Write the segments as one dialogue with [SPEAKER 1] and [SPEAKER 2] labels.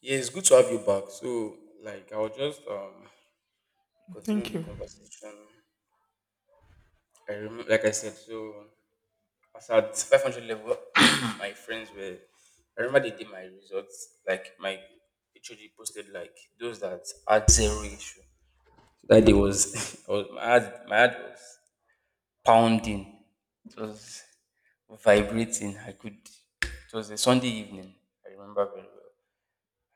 [SPEAKER 1] Yeah, it's good to have you back. So, like, I will just continue
[SPEAKER 2] Thank
[SPEAKER 1] the
[SPEAKER 2] you.
[SPEAKER 1] conversation. I remember, like I said, so I was at 500 level. My friends were. I remember they did my results, like my HOD posted like those that had zero issue. So that day was, I was my heart was pounding. It was vibrating. I could. It was a Sunday evening. I remember very well.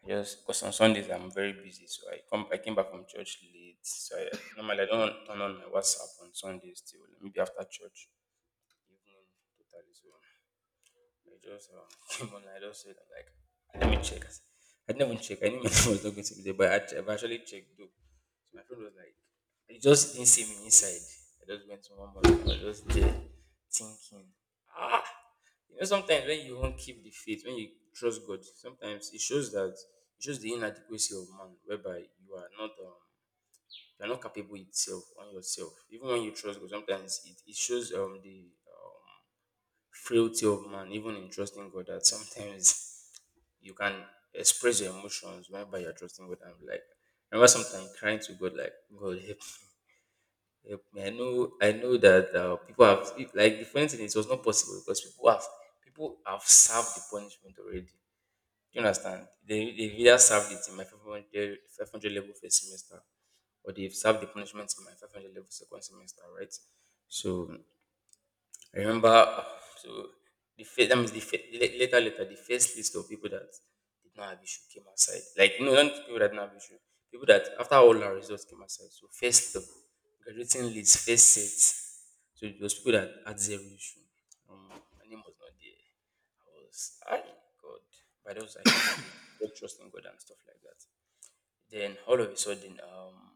[SPEAKER 1] I just because on Sundays I'm very busy, so I came back from church late. So I normally I don't turn on my WhatsApp on Sundays till maybe after church evening totally. So I just came on. I just said like, I didn't even check. I didn't even check. I knew my phone was not going to be there, but I've actually checked though. So my friend was like, he just didn't see me inside. I just went to one more room. I was just there thinking, ah, you know, sometimes when you won't keep the faith, when you trust God, sometimes it shows the inadequacy of man, whereby you are not you are not capable itself on yourself. Even when you trust God, sometimes it shows the frailty of man, even in trusting God, that sometimes you can express your emotions whenever you're trusting God. I'm like, I remember sometimes crying to God, like, God, help me, help me. I know that people have, like, the funny thing is, it was not possible because people have served the punishment already. Do you understand? They've either served it in my 500, level first semester or they've served the punishment in my 500 level second semester, right? So I remember so the first that means the fir- la- later later the first list of people that did not have issue came outside. Like no, not people that did not have issue. People that after all our results came outside. So first of graduating list, first set. So it was people that had zero issue. My name was not there. I God. But also I kept believing kept trusting God and stuff like that. Then all of a sudden, um,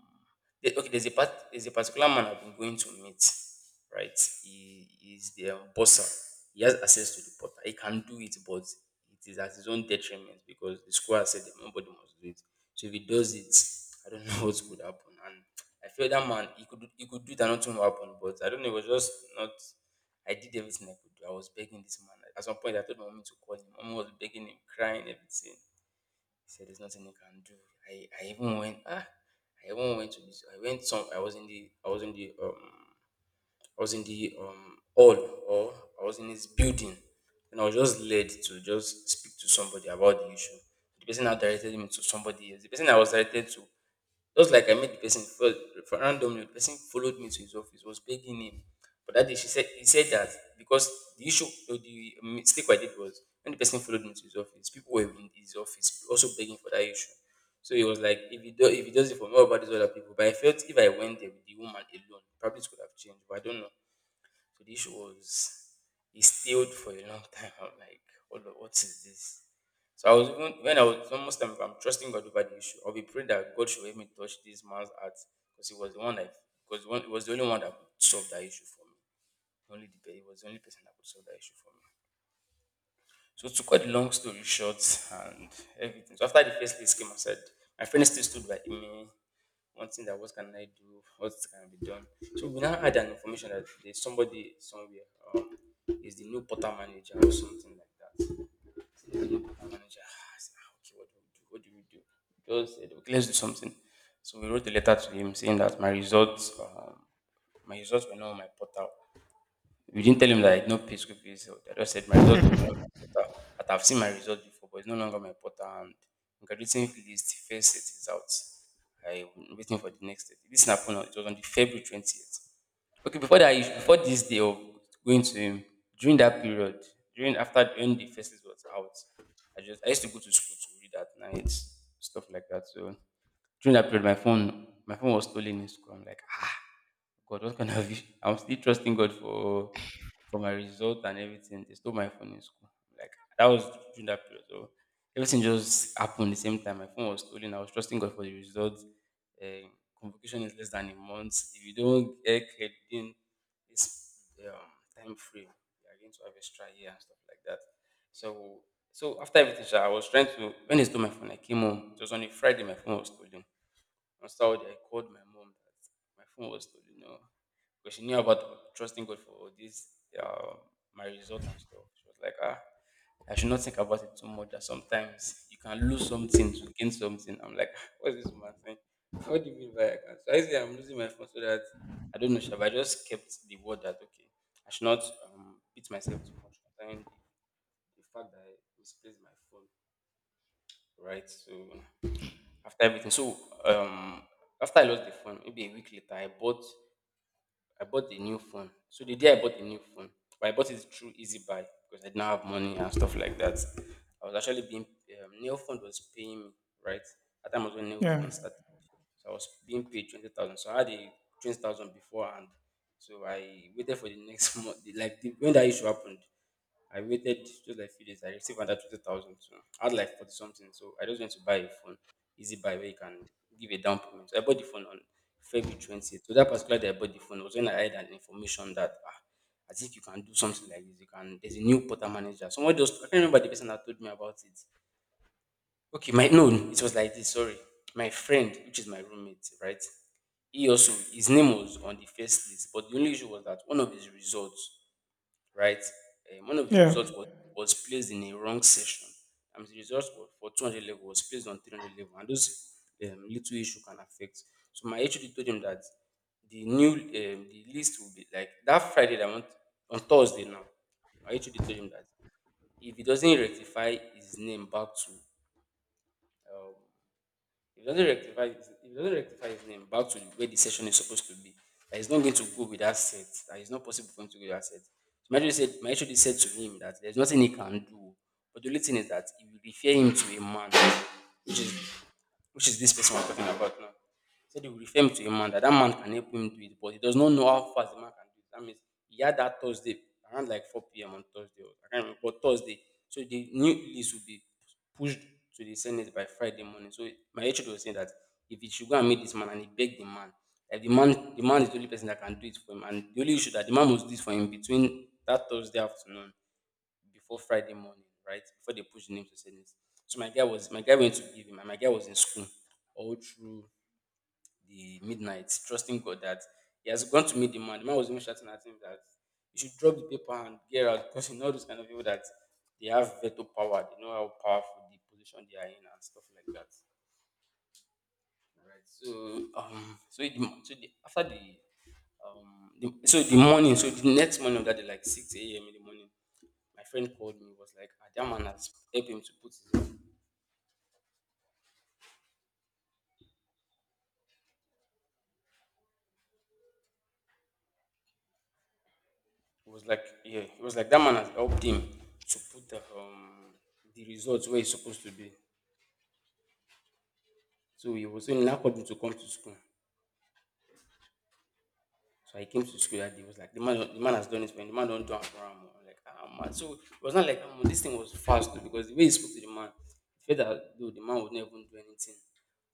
[SPEAKER 1] the- okay, there's a part, there's a particular man I've been going to meet, right? He is the bosser. He has access to the portal. He can do it, but it is at his own detriment because the school has said that nobody must do it. So if he does it, I don't know what would happen. And I feel that man, he could do it and nothing will happen. But I don't know, it was just not. I did everything I could do. I was begging this man. At some point, I told my mom to call him. Mom was begging him, crying, everything. He said there's nothing he can do. I even I even went to this. I went some. I was in the hall or I was in his building, and I was just led to just speak to somebody about the issue. The person now directed me to somebody else. The person I was directed to just like I met the person fol- for randomly, the person followed me to his office, was begging him. But that day she said he said that because the issue or the mistake I did was when the person followed me to his office, people were in his office also begging for that issue. So he was like, if he does it for me, what about these other people? But I felt if I went there with the woman alone, probably it could have changed. But I don't know. So this was it stayed for a long time. I'm like, what is this? So I was even when I was almost time, if I'm trusting God over the issue, I'll be praying that God should help me touch this man's heart because he was the one that because one it was the only one that could solve that issue for me. Only the He was the only person that could solve that issue for me. So to cut the long story short and everything. So after the first list came, I said my friend still stood by me one thing that what can I do, what can be done. So we now had an information that there's somebody somewhere, um, is the new portal manager or something like that. So there's a new portal manager. Ah, I said, "Ah, okay, what do we do? What do we do? Just said, okay, let's do something. So we wrote a letter to him saying that my my results were not on my portal. We didn't tell him that I did not pay school fees. So I just said my result was not my portal. That I've seen my result before, but it's no longer my portal. And graduating list first set is out. I'm waiting for the next date. This happened. It was on the February 20th. Okay, before that, before this day of going to him, during that period, during after when the first list was out, I used to go to school to read at night, stuff like that. So during that period, my phone was stolen in school. I'm like, God, what kind of issue? I'm still trusting God for my result and everything. They stole my phone in school. Like that was during that period. So everything just happened the same time. My phone was stolen. I was trusting God for the result. Uh, convocation is less than a month. If you don't get cleared within this time frame, you are going to have extra year and stuff like that. So so after everything, sha, I was trying to when they stole my phone, I came home. It was on a Friday, my phone was stolen. Nostalgia. I called my mom that my phone was stolen, you know, because she knew about trusting God for this, uh, my result and stuff. She was like, ah, I should not think about it too much. That sometimes you can lose something to gain something. I'm like, what's this woman saying? What do you mean by I can? So I say I'm losing my phone so that I don't know. Sha, but I just kept the word that okay, I should not beat myself too much concerning the fact that I misplaced my phone, right? So after everything. So um after I lost the phone, maybe a week later, I bought a new phone. So the day I bought a new phone, but I bought it through Easy Buy because I didn't have money and stuff like that. I was actually being Nail Phone was paying me right at that time was when Nail
[SPEAKER 2] Yeah.
[SPEAKER 1] Phone started. So I was being paid 20,000. So I had a 20,000 beforehand. So I waited for the next month. Like the, when that issue happened, I waited just like few days. I received another 20,000. So I had like 40 something. So I just went to buy a phone, easy buy where you can give a down payment. So I bought the phone on February 20th. So that particular day I bought the phone was when I had an information that ah, I think you can do something like this. You can. There's a new portal manager. Someone just I can't remember the person that told me about it. Okay, my no, it was like this. Sorry, my friend, which is my roommate, right? He also his name was on the first list, but the only issue was that one of his results right? One of his
[SPEAKER 2] Yeah.
[SPEAKER 1] results was placed in a wrong section. And the results were for 200 level was placed on 300 level, and those little issue can affect. So my HOD told him that the new the list will be like that Friday that I want on Thursday now. My HOD told him that if he doesn't rectify his name back to um, if he doesn't rectify if he doesn't rectify his name back to where the session is supposed to be, that he's not going to go with that set. That it's not possible for him to go with that set. So my HOD said to him that there's nothing he can do. But the only thing is that he will refer him to a man, which is which is this person we're talking about now. He said he will refer him to a man that that man can help him do it, but he does not know how fast the man can do it. That means he had that Thursday around like 4 p.m. on Thursday, or I can't remember, but Thursday. So the new list will be pushed to the Senate by Friday morning. So my HOD was saying that if he should go and meet this man and he beg the man, like the man is the only person that can do it for him, and the only issue that the man must do it for him between that Thursday afternoon before Friday morning, right? Before they push the name to sentence. So my guy went to give him, and my guy was in school all through the midnight, trusting God that he has gone to meet the man. The man was even shouting at him that you should drop the paper and get out because you know those kind of people that they have veto power, they know how powerful the position they are in and stuff like that. Alright. So so in so the after the the morning, so the next morning of that day, like six a.m. in the morning, my friend called me. Was like, ah, that man has helped him to put. His, it was like, yeah, it was like that man has helped him to put the the results where it's supposed to be. So he was saying, now called me to come to school. So I came to school that day. It was like the man has done it, when the man don't do it for him. I'm like, ah man. So it was not like ah, this thing was fast though, because the way he spoke to the man, the fact that though the man would not even do anything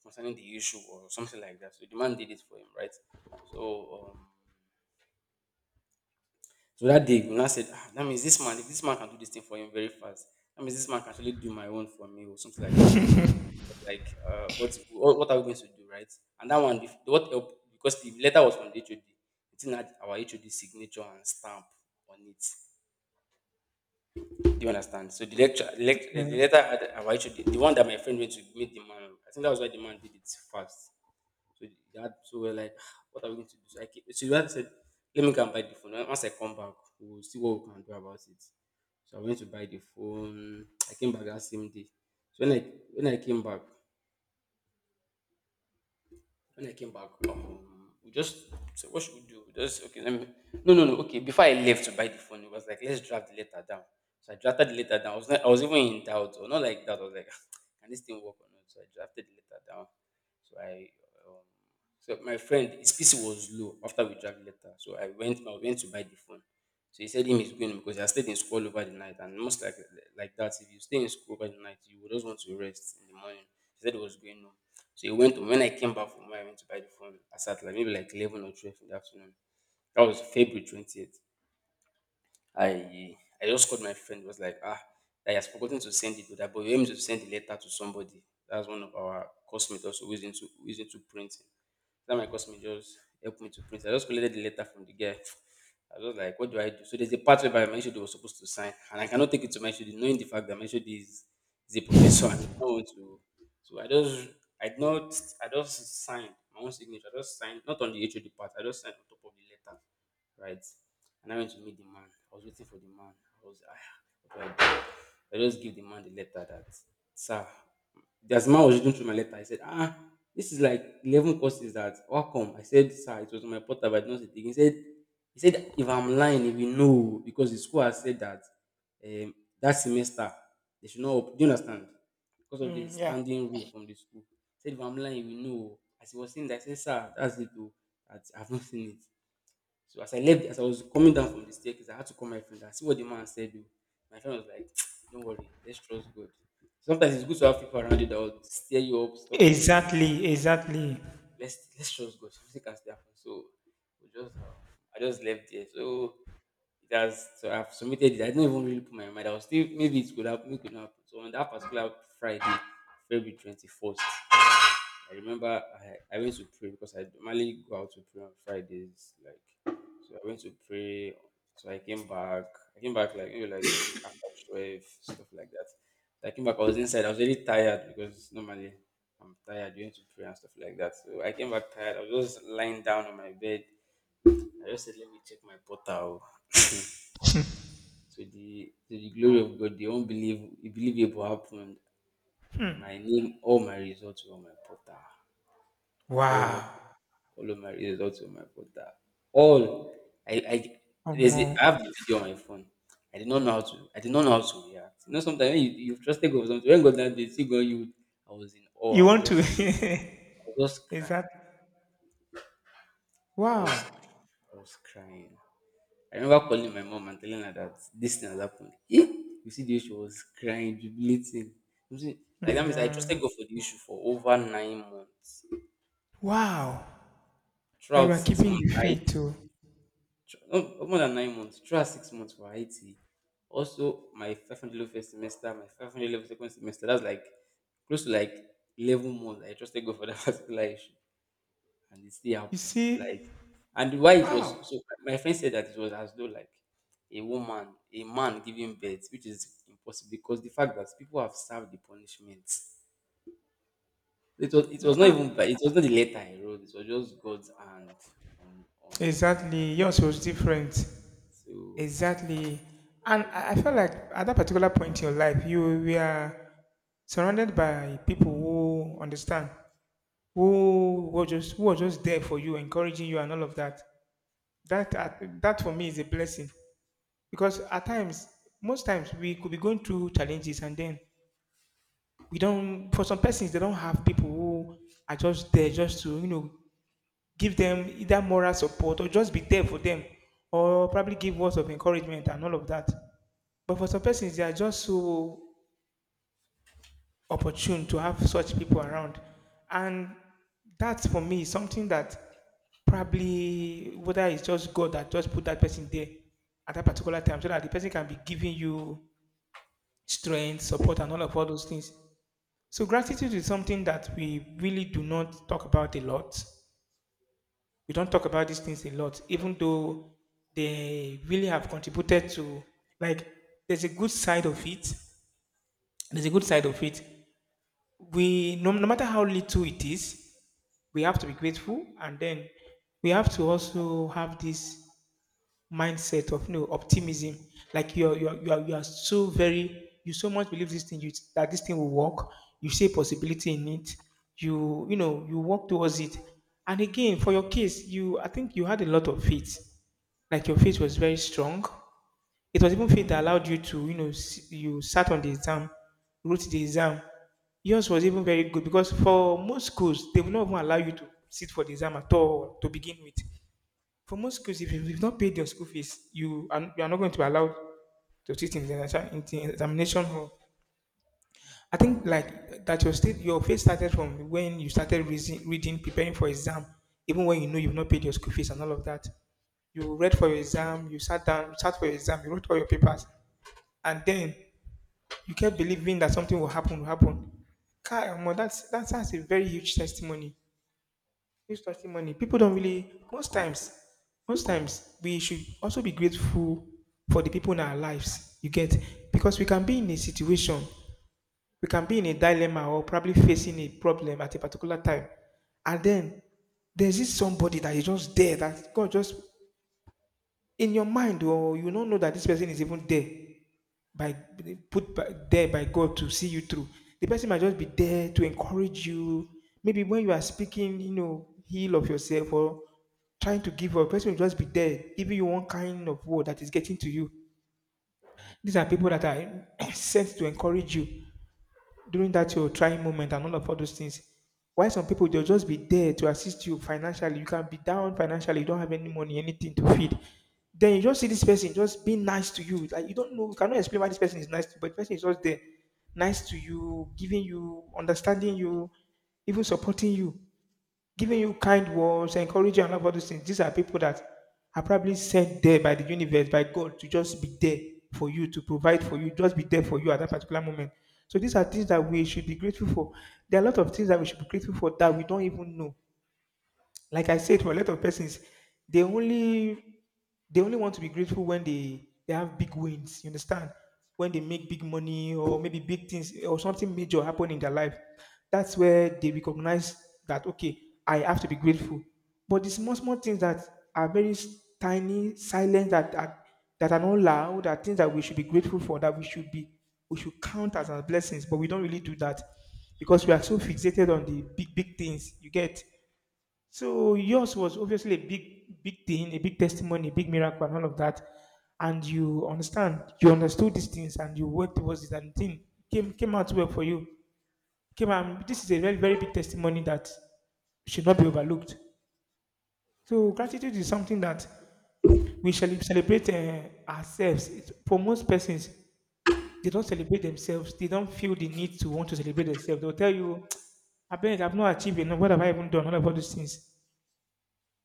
[SPEAKER 1] concerning the issue or something like that. So the man did it for him, right? So so that day, we now said, ah, that means this man, if this man can do this thing for him very fast, that means this man can actually do my own for me or something like that.
[SPEAKER 2] Yeah.
[SPEAKER 1] Like, what are we going to do, right? And that one, if, what help, because the letter was from the HOD, it didn't had our HOD signature and stamp on it. Do you understand? So the letter had our HOD, the one that my friend went to meet the man. I think that was why the man did it fast. So dad, so we're like, "Ah, what are we going to do?" So I came, so dad said, let me go and buy the phone. Once I come back, we'll see what we can do about it. So I went to buy the phone. I came back that same day. So when I came back, we just said, what should we do? We just okay, let me. No, no, no. Okay, before I left to buy the phone, it was like let's draft the letter down. So I drafted the letter down. I was not, I was even in doubt, or not like that. I was like, can this thing work or not? So I drafted the letter down. So I, um, so my friend, his PC was low after we drafted the letter. So I went to buy the phone. So he said him is going because he has stayed in school over the night, and most like that, if you stay in school over the night, you would just want to rest in the morning. He said he was going home. So he went when I came back from where I went to buy the phone, I sat like maybe like 11 or 12 in the afternoon. That was February 20th. I I just called my friend, was like, ah, I has forgotten to send it to that, but you aim to send the letter to somebody. That's one of our classmates also who is into printing that my customer just helped me to print. I just collected the letter from the guy. I was just like, what do I do? So there's a part where my HOD was supposed to sign, and I cannot take it to my HOD, knowing the fact that my is a professor and I don't want to. So I just, I did not, I just signed my own signature. I just signed, not on the HOD part, I just signed on top of the letter, right? And I went to meet the man. I was waiting for the man. I was, ah, what do? I just give the man the letter that, sir, there's a man was reading through my letter. I said, ah, this is like 11 courses that, how come? I said, sir, it was on my portal, but I did not see it. He said, if I'm lying, if you know, because the school has said that um, that semester they should not, do you understand? Because of the
[SPEAKER 2] Mm, yeah.
[SPEAKER 1] standing rule from the school. He said, if I'm lying, if you know. As he was saying that, I said, sir, that's it, though. That I've not seen it. So as I was coming down from the staircase, I had to call my friend and see what the man said. Oh. My friend was like, "Don't worry, let's trust God." Sometimes it's good to have people around you that will steer you up, stuff like that. So
[SPEAKER 2] Exactly. Exactly.
[SPEAKER 1] let's trust God. Something can still happen. So we just I just left there. So it has so I've submitted it. I didn't even really put my mind. I was still maybe it could happen, it could not happen. So on that particular Friday, February 21st. I remember I went to pray because I normally go out to pray on Fridays, like so I went to pray. So I came back. I came back like maybe like after 12, stuff like that. I came back, I was inside, I was really tired because normally I'm tired, you went to pray and stuff like that. So I came back tired, I was just lying down on my bed. I just said, let me check my portal. To the glory of God, the unbelievable happened.
[SPEAKER 2] Hmm.
[SPEAKER 1] My name, all my results were on my portal. All
[SPEAKER 2] Wow.
[SPEAKER 1] All of my a lot my brother. All, I there's
[SPEAKER 2] Omo.
[SPEAKER 1] a, I have the video on my phone. I did not know how to react. You know sometimes when you you've trusted God for something, when God that day see God you I was in awe.
[SPEAKER 2] You want to?
[SPEAKER 1] I was just
[SPEAKER 2] Is
[SPEAKER 1] crying.
[SPEAKER 2] that?
[SPEAKER 1] I was
[SPEAKER 2] Wow.
[SPEAKER 1] I was crying. I remember calling my mom and telling her that this thing has happened. Eh? You see the issue was crying, jubilating. You see, like that
[SPEAKER 2] Mm,
[SPEAKER 1] means I trusted
[SPEAKER 2] yeah.
[SPEAKER 1] God for the issue for over 9 months.
[SPEAKER 2] Wow. And you
[SPEAKER 1] Throughout
[SPEAKER 2] are
[SPEAKER 1] six
[SPEAKER 2] keeping
[SPEAKER 1] months,
[SPEAKER 2] the
[SPEAKER 1] I
[SPEAKER 2] faith too.
[SPEAKER 1] tr- no, more than 9 months, try 6 months for Haiti. Also, my 500 level first semester, my 500 level second semester, that's like close to like 11 months. I trusted God for that particular issue, and it still
[SPEAKER 2] You
[SPEAKER 1] happened. Like,
[SPEAKER 2] see?
[SPEAKER 1] and why it was
[SPEAKER 2] Wow.
[SPEAKER 1] so, my friend said that it was as though like a man giving birth, which is impossible because the fact that people have served the punishment.
[SPEAKER 2] Wha- ah,
[SPEAKER 1] It was not the letter I wrote, it was just God's hand on.
[SPEAKER 2] exactly. Yours was different.
[SPEAKER 1] So I was
[SPEAKER 2] Exactly. And
[SPEAKER 1] I
[SPEAKER 2] I felt like at that particular point in your life, you were surrounded by people who understand, who were just there for you, encouraging you, and all of that. That for me is a blessing because at times, most times we could be going through challenges, and then we don't. For some persons, they don't have people who are just there just to, you know, give them either moral support or just be there for them, or probably give words of encouragement and all of that. But for some persons, they are just so opportune to have such people around. And that for me is something that probably, whether it's just God that just put that person there at that particular time so that the person can be giving you strength, support, and all of all those things. So gratitude is something that we really do not talk about a lot. We don't talk about these things a lot, even though they really have contributed to, like, there's a good side of it. There's a good side of it. We, no, no matter how little it is, we have to be grateful, and then we have to also have this mindset of, you know, optimism. Like you are so very, you so much believe this thing, you that this thing will work, you see a possibility in it, you know, you work towards it. And again, for your case, you, I think you had a lot of faith. Like your faith was very strong. It was even faith that allowed you to, you know, s- you sat on the exam, wrote the exam. Yours was even very good because for most schools, they will not even allow you to sit for the exam at all to begin with. For most schools, if you've not paid your school fees, you are not going to be allowed to sit in the, in the examination hall. I think, like, that your state, your faith started from when you started reason, reading, preparing for exam, even when, you know, you've not paid your school fees and all of that. You read for your exam, you sat down, you sat for your exam, you wrote all your papers, and then you kept believing that something will happen, will happen. Kyle, that's a very huge testimony. Huge testimony. People don't really, most times, most times we should also be grateful for the people in our lives. You get, because we can be in a situation, we can be in a dilemma or probably facing a problem at a particular time. And then there's this somebody that is just there, that God just, in your mind, or you don't know that this person is even there, by put by, there by God to see you through. The person might just be there to encourage you. Maybe when you are speaking, you know, heal of yourself or trying to give up, the person will just be there, giving you one kind of word that is getting to you. These are people that are sent to encourage you during that your trying moment and all of all those things. Why some people, they'll just be there to assist you financially. You can be down financially, you don't have any money, anything to feed. Then you just see this person just being nice to you. Like, you don't know, you cannot explain why this person is nice to you, but the person is just there, nice to you, giving you, understanding you, even supporting you, giving you kind words, encouraging, and all of those things. These are people that are probably sent there by the universe, by God, to just be there for you, to provide for you, just be there for you at that particular moment. So these are things that we should be grateful for. There are a lot of things that we should be grateful for that we don't even know. Like I said, for a lot of persons, they only, they only want to be grateful when they have big wins. You understand? When they make big money or maybe big things or something major happen in their life, that's where they recognize that, okay, I have to be grateful. But the small small things that are very s- tiny, silent, that are not loud, are things that we should be grateful for, that we should count as our blessings. But we don't really do that because we are so fixated on the big big things, you get. So yours was obviously a big, big thing, a big testimony, a big miracle, and all of that. And you understand, you understood these things, and you worked towards it, and thing came out well for you. Came out. This is a very, very big testimony that should not be overlooked. So gratitude is something that we shall celebrate ourselves. For most persons, they don't celebrate themselves. They don't feel the need to want to celebrate themselves. They'll tell you, "I bet I've not achieved enough. What have I even done? All of all these things."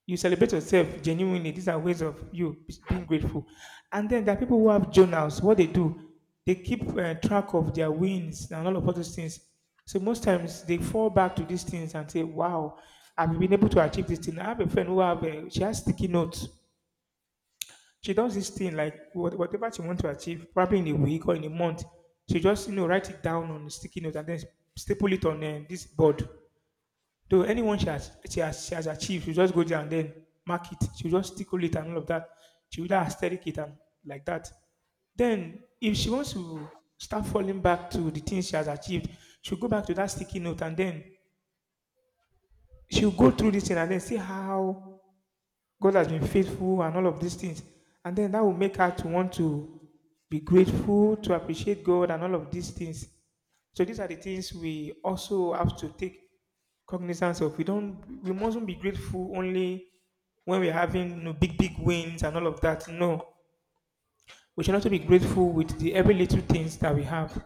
[SPEAKER 2] You celebrate yourself genuinely. These are ways of you being grateful. And then there are people who have journals. What they do, they keep track of their wins and all of all those things. So most times they fall back to these things and say, "Wow, I've been able to achieve this thing." I have a friend who have a, she has sticky notes. She does this thing, like, whatever she wants to achieve, probably in a week or in a month. She just, you know, write it down on a sticky note and then staple it on this board. To anyone she has, she has achieved, she'll just go there and then mark it. She'll just tickle it and all of that. She will just aesthetic it and like that. Then if she wants to start falling back to the things she has achieved, she'll go back to that sticky note and then she'll go through this thing and then see how God has been faithful and all of these things. And then that will make her to want to be grateful, to appreciate God and all of these things. So these are the things we also have to take cognizance of. We mustn't be grateful only when we're having, you know, big big wins and all of that. No. We should also be grateful with the every little things that we have.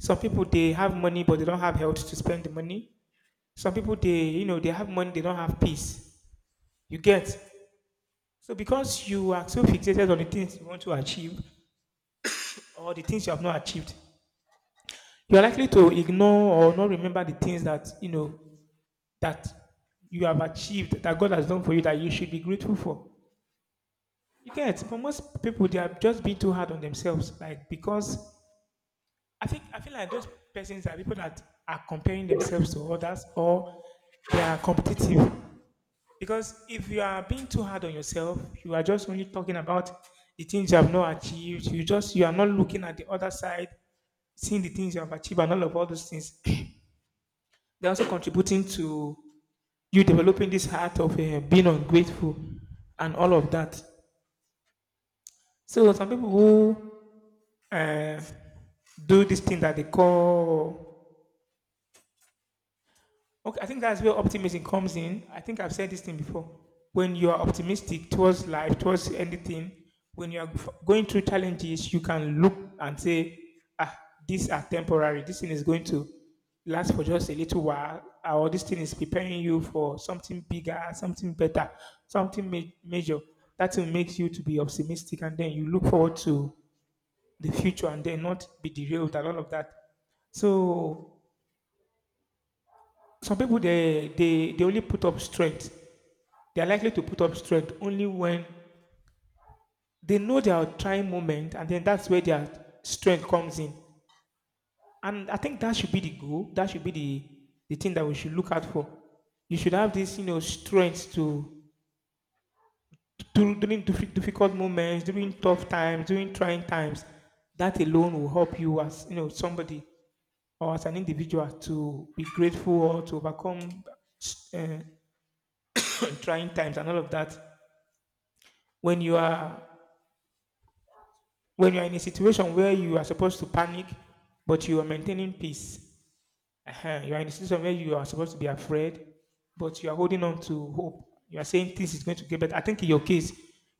[SPEAKER 2] Some people they have money but they don't have health to spend the money. Some people they, you know, they have money, they don't have peace. You get. So because you are so fixated on the things you want to achieve or the things you have not achieved, you are likely to ignore or not remember the things that, you know, that you have achieved, that God has done for you, that you should be grateful for. You get. But most people they have just been too hard on themselves. Like, because I think, I feel like those persons are people that are comparing themselves to others, or they are competitive. Because if you are being too hard on yourself, you are just only talking about the things you have not achieved. You just, you are not looking at the other side, seeing the things you have achieved and all of all those things. They're also contributing to you developing this heart of being ungrateful and all of that. So some people who uh, do this thing that they call, okay, I think that's where optimism comes in. I think I've said this thing before. When you are optimistic towards life, towards anything, when you are going through challenges, you can look and say, ah, these are temporary. This thing is going to last for just a little while, or this thing is preparing you for something bigger, something better, major. That will make you to be optimistic, and then you look forward to the future, and then not be derailed and all of that. So some people they only put up strength, they are likely to put up strength only when they know they are trying moment, and then that's where their strength comes in. And I think that should be the goal, that should be the thing that we should look out for. You should have this strength to during difficult moments, during tough times, during trying times. That alone will help you as somebody or as an individual to be grateful or to overcome uh, trying times and all of that. When you are, when you are in a situation where you are supposed to panic but you are maintaining peace, uh-huh, you are in a situation where you are supposed to be afraid but you are holding on to hope, you are saying this is going to get better. I think in your case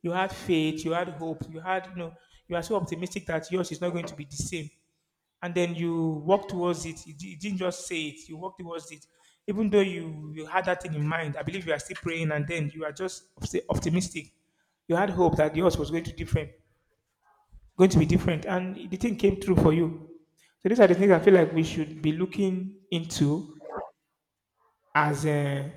[SPEAKER 2] you had faith, you had hope, you had you are so optimistic that yours is not going to be the same. And then you walk towards it. You didn't just say it, you walk towards it. Even though you had that thing in mind, I believe you are still praying, and then you are just optimistic. You had hope that yours was going to different, going to be different. And the thing came true for you. So these are the things I feel like we should be looking into as a,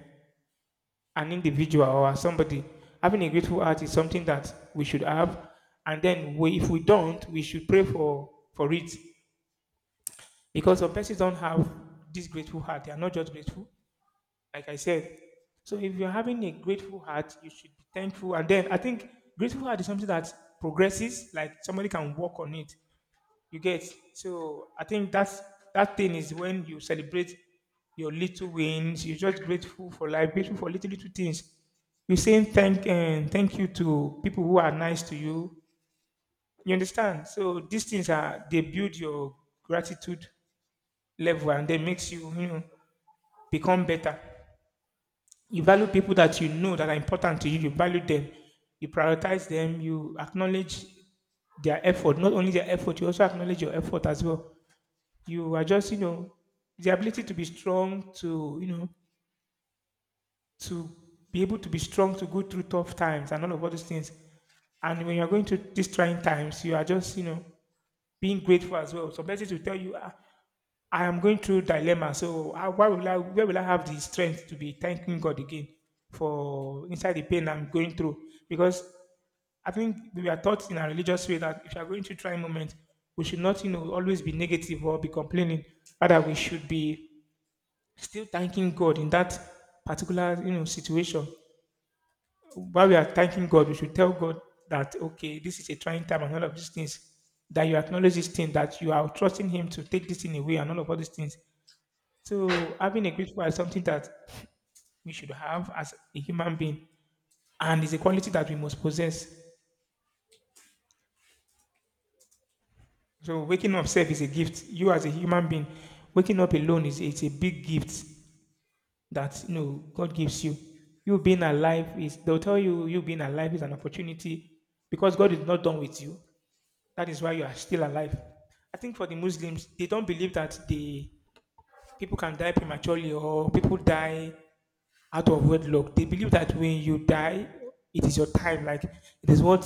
[SPEAKER 2] an individual or as somebody. Having a grateful heart is something that we should have. And then we, if we don't, we should pray for it. Because some persons don't have this grateful heart. They are not just grateful, like I said. So if you're having a grateful heart, you should be thankful. And then I think grateful heart is something that progresses, like somebody can work on it. You get, so I think that's that thing is when you celebrate your little wins. You're just grateful for life, grateful for little little things. You're saying thank and thank you to people who are nice to you. You understand? So these things are, they build your gratitude level, and they makes you you know become better. You value people that you know that are important to you. You value them. You prioritize them. You acknowledge their effort. Not only their effort, you also acknowledge your effort as well. You are just the ability to be strong, to to be able to be strong to go through tough times and all of all those things. And when you're going through these trying times, you are just being grateful as well. Some persons will tell you, "Ah, I am going through dilemma, so how, why will I, where will I have the strength to be thanking God again for inside the pain I'm going through? Because I think we are taught in our religious way that if you are going through trying moment, we should not, always be negative or be complaining. Rather, we should be still thanking God in that particular, situation while we are thanking God, we should tell God that okay, this is a trying time and all of these things. That you acknowledge this thing, that you are trusting Him to take this thing away and all of all these things. So having a grateful heart is something that we should have as a human being, and is a quality that we must possess. So waking up self is a gift. You as a human being, waking up alone is it's a big gift that God gives you. You being alive is, they'll tell you you being alive is an opportunity because God is not done with you. That is why you are still alive. I think for the Muslims, they don't believe that the people can die prematurely or people die out of wedlock. They believe that when you die, it is your time. Like it is what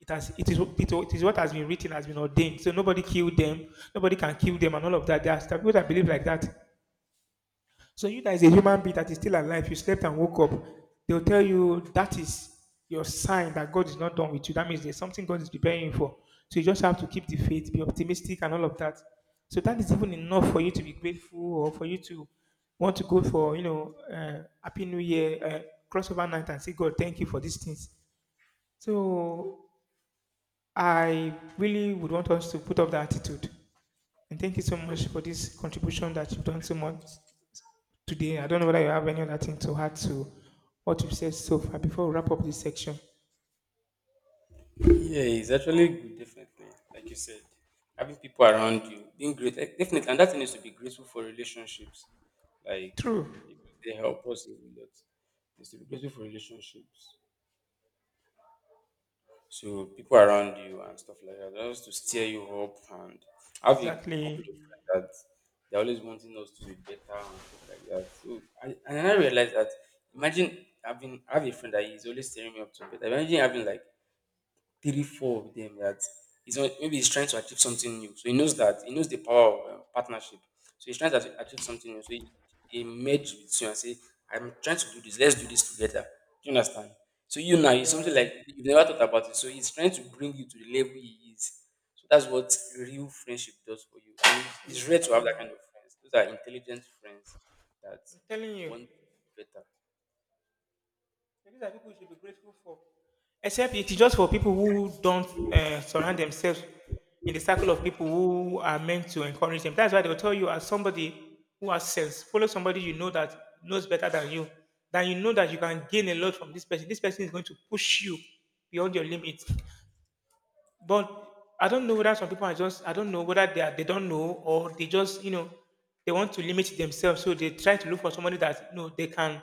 [SPEAKER 2] it has, it is it, it is what has been written, has been ordained. So nobody killed them, nobody can kill them, and all of that. There are people that believe like that. So you that is a human being that is still alive, you slept and woke up, they'll tell you that is your sign that God is not done with you. That means there's something God is preparing you for. So you just have to keep the faith, be optimistic and all of that. So that is even enough for you to be grateful or for you to want to go for, Happy New Year, crossover night and say, God, thank you for these things. So I really would want us to put up that attitude. And thank you so much for this contribution that you've done so much today. I don't know whether you have any other thing to add to what you've said so far before we wrap up this section.
[SPEAKER 1] yeah, it's actually good, definitely. Like you said, having people around you, being great, eh, definitely, and that thing is to be grateful for relationships, like
[SPEAKER 2] True.
[SPEAKER 1] because they help us a lot. It's to be grateful for relationships. So people around you and stuff like that, just to steer you up, and I have a couple
[SPEAKER 2] Exactly.
[SPEAKER 1] of friends that they're always wanting us to be better and stuff like that. So I and then I realized that imagine having I have a friend that is always steering me up to better. Imagine having like three, four of them that he's not, maybe he's trying to achieve something new. So he knows that he knows the power of partnership. So he's trying to achieve something new. So he merge with you and say, "I'm trying to do this. Let's do this together." Do you understand? So you now it's something
[SPEAKER 2] Yeah,
[SPEAKER 1] like you've never thought about it. So he's trying to bring you to the level he is. So that's what real friendship does for you. And it's rare to have
[SPEAKER 2] exactly.
[SPEAKER 1] that kind of friends. Those are intelligent friends that
[SPEAKER 2] I'm telling you,
[SPEAKER 1] want better.
[SPEAKER 2] these are people you should be grateful for. Except it is just for people who don't surround themselves in the circle of people who are meant to encourage them. That's why they'll tell you, as somebody who has sense, follow somebody that knows better than you. Then you know that you can gain a lot from this person. This person is going to push you beyond your limits. But I don't know whether some people are just, I don't know whether they are, they don't know, or they just they want to limit themselves, so they try to look for somebody that they can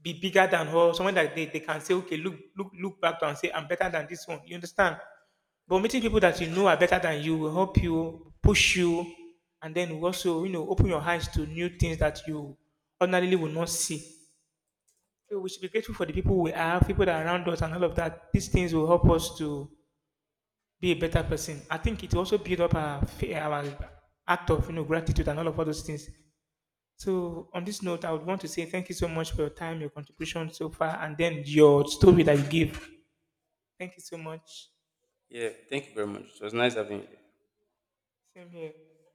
[SPEAKER 2] be bigger than her, someone that they can say, okay, look look look back to and say I'm better than this one. You understand? But meeting people that you know are better than you will help you, push you, and then will also, open your eyes to new things that you ordinarily would not see. So we should be grateful for the people we have, people that are around us, and all of that. These things will help us to be a better person. I think it also build up our our act of gratitude and all of all those things. So on this note, I would want to say thank you so much for your time, your contribution so far, and then your story that you give. Thank you so much.
[SPEAKER 1] Yeah. Thank you very much. It was nice having you.
[SPEAKER 2] Same here.